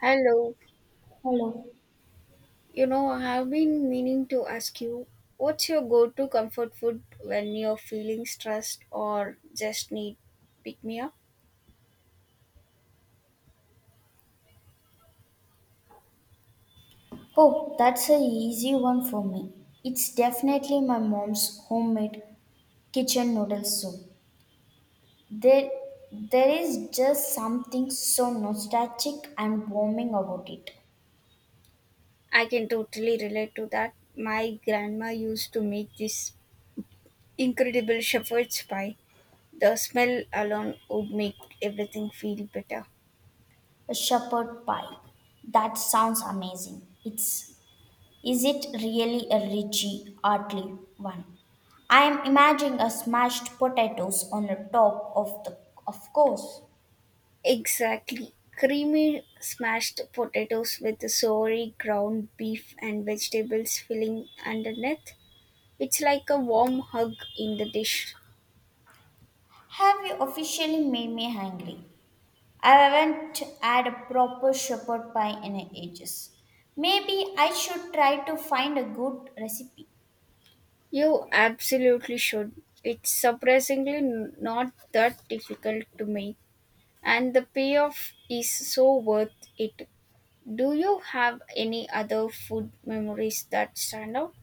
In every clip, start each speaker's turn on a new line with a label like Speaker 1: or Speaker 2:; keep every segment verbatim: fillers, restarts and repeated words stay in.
Speaker 1: Hello.
Speaker 2: Hello.
Speaker 1: You know, I've been meaning to ask you, what's your go-to comfort food when you're feeling stressed or just need pick me up?
Speaker 2: Oh, that's a easy one for me. It's definitely my mom's homemade kitchen noodle soup. There, there is just something so nostalgic and warming about it.
Speaker 1: I can totally relate to that. My grandma used to make this incredible shepherd's pie. The smell alone would make everything feel better.
Speaker 2: A shepherd pie. That sounds amazing. It's is it really a richy, artly one? I am imagining a smashed potatoes on the top of the of course.
Speaker 1: Exactly. Creamy smashed potatoes with sorry ground beef and vegetables filling underneath. It's like a warm hug in the dish.
Speaker 2: Have you officially made me hungry? I haven't had a proper shepherd pie in ages. Maybe I should try to find a good recipe.
Speaker 1: You absolutely should. It's surprisingly n- not that difficult to make, and the payoff is so worth it. Do you have any other food memories that stand out?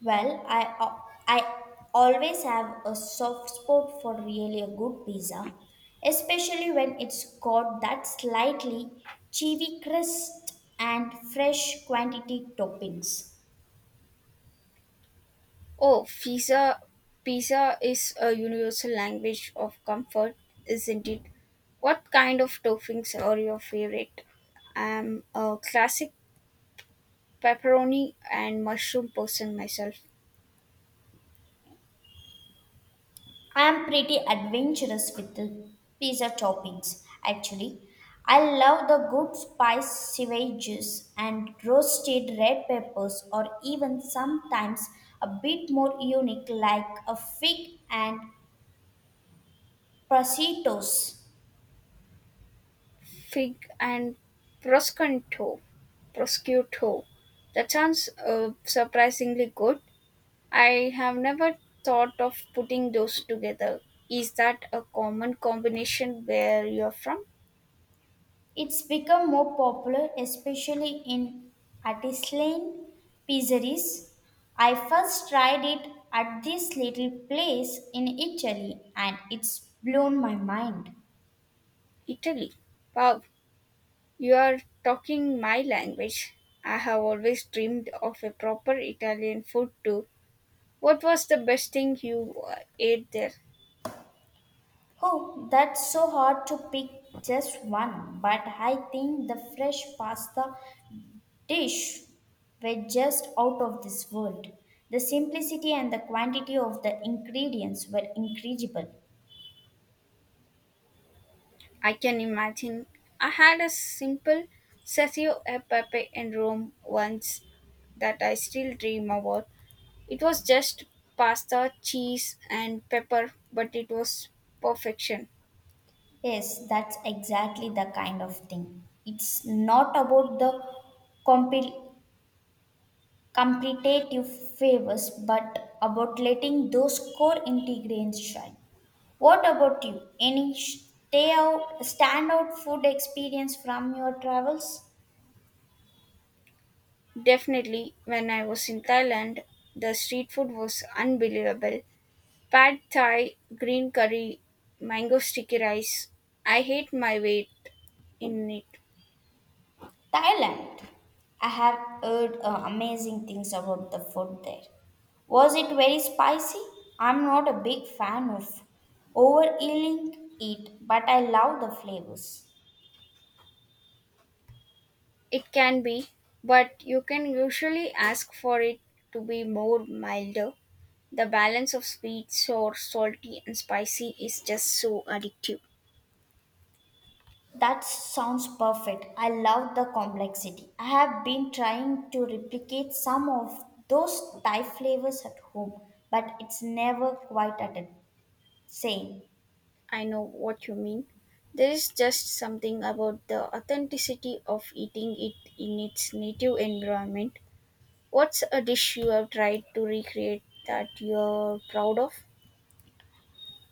Speaker 2: Well, I I always have a soft spot for really a good pizza, especially when it's got that slightly chewy crust and fresh quantity toppings.
Speaker 1: Oh, pizza. Pizza is a universal language of comfort, isn't it? What kind of toppings are your favorite? I'm a classic pepperoni and mushroom person myself.
Speaker 2: I'm pretty adventurous with the pizza toppings, actually. I love the good spice sieves and roasted red peppers, or even sometimes a bit more unique, like a fig and prositos.
Speaker 1: Fig and Prosciutto. Prosciutto. That sounds uh, surprisingly good. I have never thought of putting those together. Is that a common combination where you're from?
Speaker 2: It's become more popular, especially in artisan pizzeries. I first tried it at this little place in Italy, and it's blown my mind.
Speaker 1: Italy. Wow, you are talking my language. I have always dreamed of a proper Italian food too. What was the best thing you uh, ate there?
Speaker 2: Oh, that's so hard to pick just one, but I think the fresh pasta dish were just out of this world. The simplicity and the quantity of the ingredients were incredible.
Speaker 1: I can imagine. I had a simple Sessio e Pepe in Rome once that I still dream about. It was just pasta, cheese, and pepper, but it was perfection.
Speaker 2: Yes, that's exactly the kind of thing. It's not about the compil competitive favors, but about letting those core ingredients shine. What about you? Any stay out, standout food experience from your travels?
Speaker 1: Definitely, when I was in Thailand, the street food was unbelievable. Pad Thai, green curry, mango sticky rice. I hate my weight in it.
Speaker 2: Thailand. I have heard uh, amazing things about the food there. Was it very spicy? I'm not a big fan of overeating it, but I love the flavors.
Speaker 1: It can be, but you can usually ask for it to be more milder. The balance of sweet, sour, salty, and spicy is just so addictive.
Speaker 2: That sounds perfect. I love the complexity. I have been trying to replicate some of those Thai flavors at home, but it's never quite at the same.
Speaker 1: I know what you mean. There is just something about the authenticity of eating it in its native environment. What's a dish you have tried to recreate that you're proud of?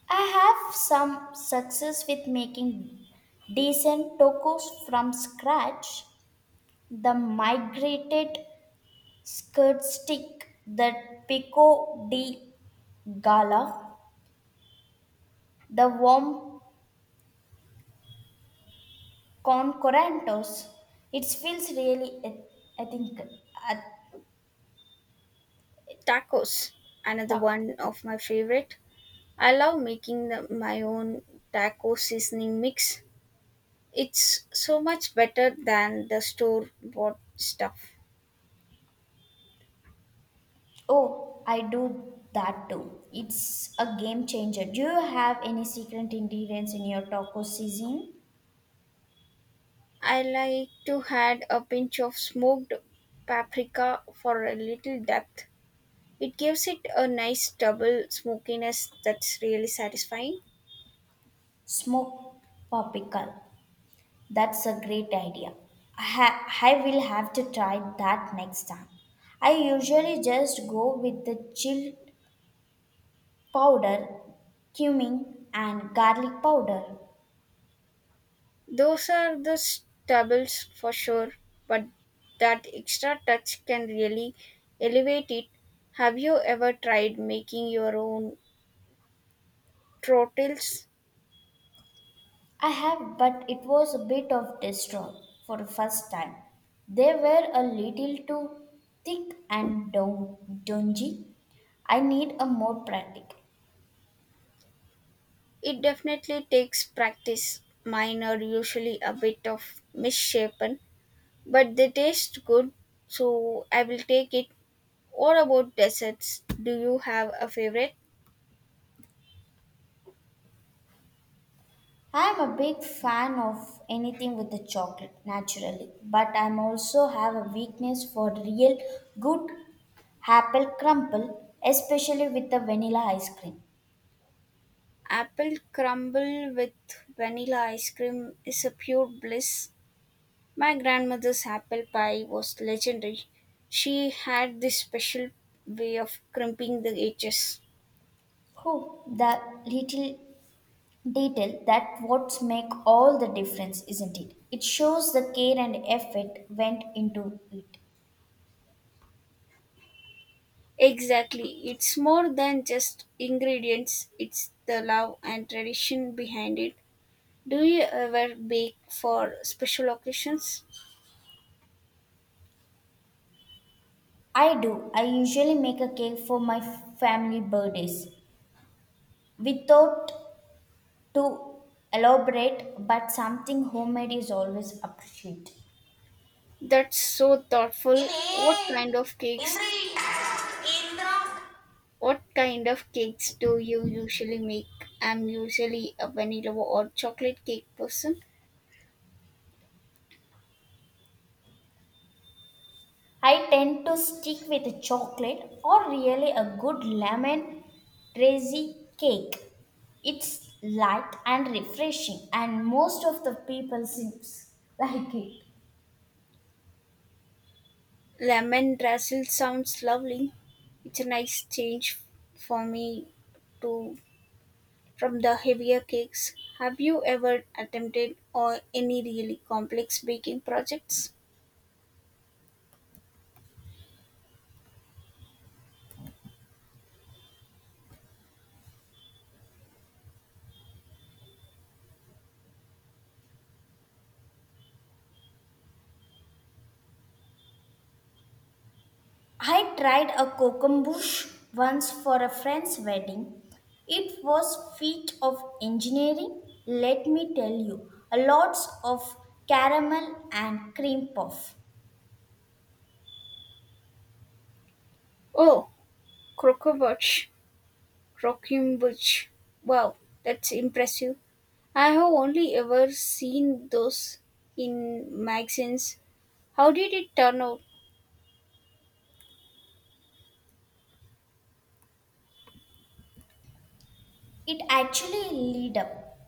Speaker 2: I have some success with making decent tacos from scratch. The migrated skirt stick, the pico de gala, the warm Concorantos. It feels really, eth- I think, at
Speaker 1: Tacos, another
Speaker 2: taco.
Speaker 1: one of my favorite. I love making the, my own taco seasoning mix. It's so much better than the store bought stuff.
Speaker 2: Oh, I do that too. It's a game changer. Do you have any secret ingredients in your taco seasoning?
Speaker 1: I like to add a pinch of smoked paprika for a little depth. It gives it a nice double smokiness that's really satisfying.
Speaker 2: Smoked paprika. That's a great idea. I, ha- I will have to try that next time. I usually just go with the chilled powder, cumin, and garlic powder.
Speaker 1: Those are the stubbles for sure, but that extra touch can really elevate it. Have you ever tried making your own trottles?
Speaker 2: I have, but it was a bit of destroy for the first time. They were a little too thick and dun- dungy. I need a more practical.
Speaker 1: It definitely takes practice. Mine are usually a bit of misshapen, but they taste good, so I will take it. What about desserts? Do you have a favorite?
Speaker 2: I am a big fan of anything with the chocolate, naturally, but I am also have a weakness for real good apple crumble, especially with the vanilla ice cream.
Speaker 1: Apple crumble with vanilla ice cream is a pure bliss. My grandmother's apple pie was legendary. She had this special way of crimping the edges.
Speaker 2: Oh, the little Detail that what's make all the difference, isn't it? It shows the care and effort went into it.
Speaker 1: Exactly. It's more than just ingredients, it's the love and tradition behind it. Do you ever bake for special occasions?
Speaker 2: I do. I usually make a cake for my family birthdays without to elaborate, but something homemade is always appreciated.
Speaker 1: That's so thoughtful. What
Speaker 2: ഇനി
Speaker 1: kind of cakes?
Speaker 2: ഇന്ദ്രി Indra.
Speaker 1: What kind of cakes do you usually make? I'm usually a vanilla or chocolate cake person.
Speaker 2: I tend to stick with chocolate or really a good lemon drazy cake. It's light and refreshing, and most of the people seems like it.
Speaker 1: Lemon drizzle sounds lovely. It's a nice change for me to. From the heavier cakes, have you ever attempted or any really complex baking projects?
Speaker 2: I tried a kokombush once for a friend's wedding. It was feat of engineering, let me tell you. A lots of caramel and cream puff.
Speaker 1: Oh, croquembouche, croquembouche. Wow, that's impressive. I have only ever seen those in magazines. How did it turn out?
Speaker 2: It actually lead up.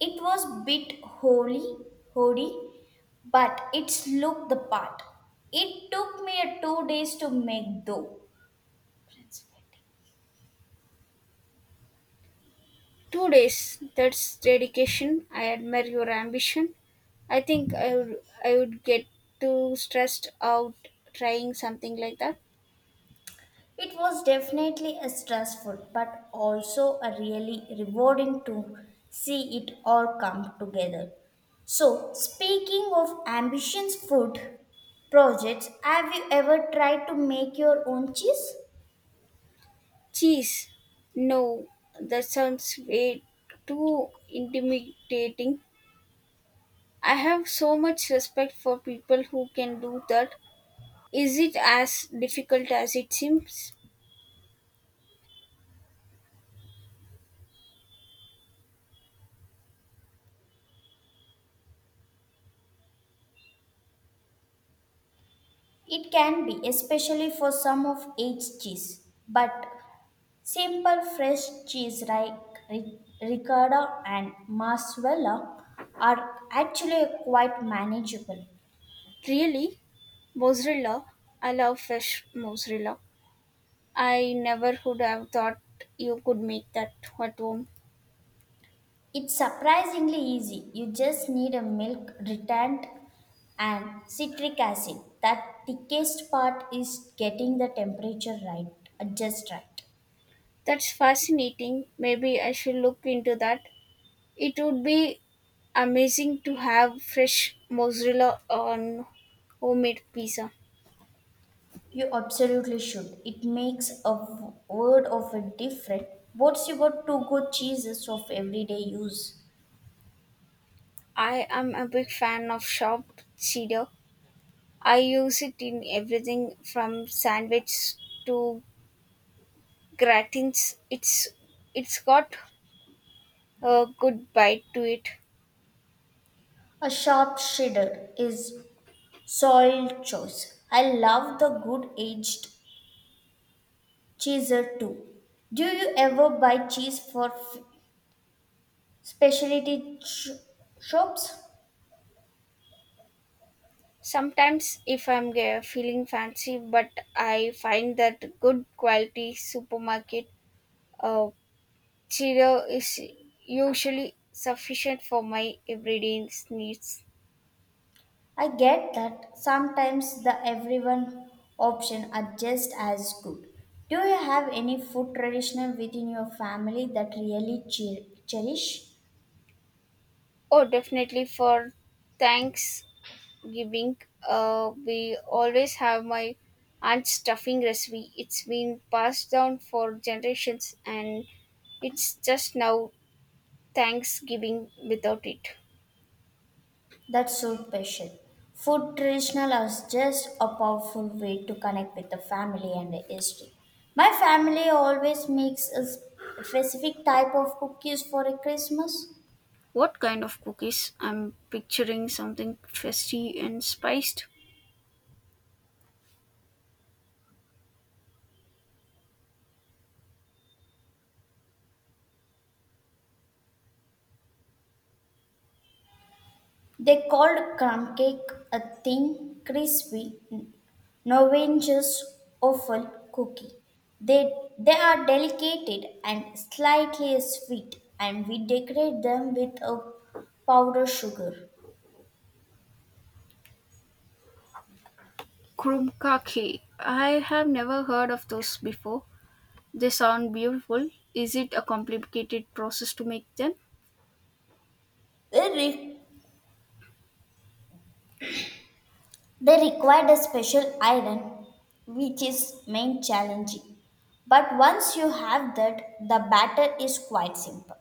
Speaker 2: It was bit holy, hoary, but it looked the part. It took me a two days to make though. Friends wedding.
Speaker 1: Two days. That's dedication. I admire your ambition. I think I would, I would get too stressed out trying something like that.
Speaker 2: It was definitely a stressful, but also a really rewarding to see it all come together. So, speaking of ambitions food projects, have you ever tried to make your own cheese?
Speaker 1: Cheese, no, that sounds way too intimidating. I have so much respect for people who can do that. Is it as difficult as it seems?
Speaker 2: It can be, especially for some of aged cheese, but simple fresh cheese like ri- ricotta and mozzarella are actually quite manageable.
Speaker 1: Really? Mozzarella? I love fresh mozzarella. I never would have thought you could make that at home.
Speaker 2: It's surprisingly easy. You just need a milk retant and citric acid. That thickest part is getting the temperature right, uh, just right.
Speaker 1: That's fascinating. Maybe I should look into that. It would be amazing to have fresh mozzarella on homemade pizza.
Speaker 2: You absolutely should. It makes a w- world of a difference. What's your two-go cheeses of everyday use?
Speaker 1: I am a big fan of chopped cheddar. I use it in everything from sandwiches to gratins. It's it's got a good bite to it.
Speaker 2: A sharp cheddar is soil choice. I love the good aged cheeser too. Do you ever buy cheese for f- specialty sh- shops?
Speaker 1: Sometimes if I'm ge- feeling fancy, but I find that good quality supermarket uh, cheddar is usually sufficient for my everyday needs.
Speaker 2: I get that sometimes the everyone option are just as good. Do you have any food traditional within your family that really che- cherish?
Speaker 1: Oh, definitely for thanks giving. Uh, we always have my aunt's stuffing recipe. It's been passed down for generations, and it's just now Thanksgiving without it.
Speaker 2: That's so special. Food traditional is just a powerful way to connect with the family and the history. My family always makes a s- specific type of cookies for a Christmas.
Speaker 1: What kind of cookies? I'm picturing something festive and spiced.
Speaker 2: They called crumb cake a thin, crispy, Norwegian's offal cookie. They they are delicate and slightly sweet, and we decorate them with a powdered sugar.
Speaker 1: Krumkake. I have never heard of those before. They sound beautiful. Is it a complicated process to make them?
Speaker 2: They They required a special iron, which is main challenging. But once you have that, the batter is quite simple.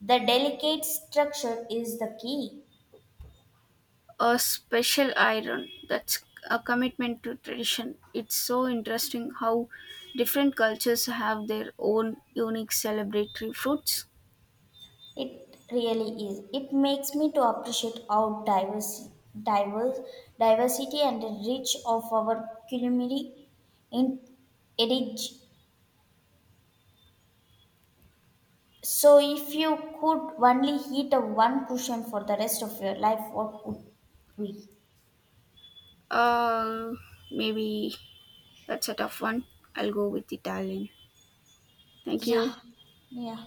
Speaker 2: The delicate structure is the key.
Speaker 1: A special iron, that's a commitment to tradition. It's so interesting how different cultures have their own unique celebratory fruits.
Speaker 2: It really is. It makes me to appreciate how diverse, diverse diversity and the rich of our culinary in edge. So if you could only eat a one cushion for the rest of your life, what would we?
Speaker 1: uh Maybe that's a tough one. I'll go with Italian. Thank
Speaker 2: 呀，
Speaker 1: you.
Speaker 2: 下，那样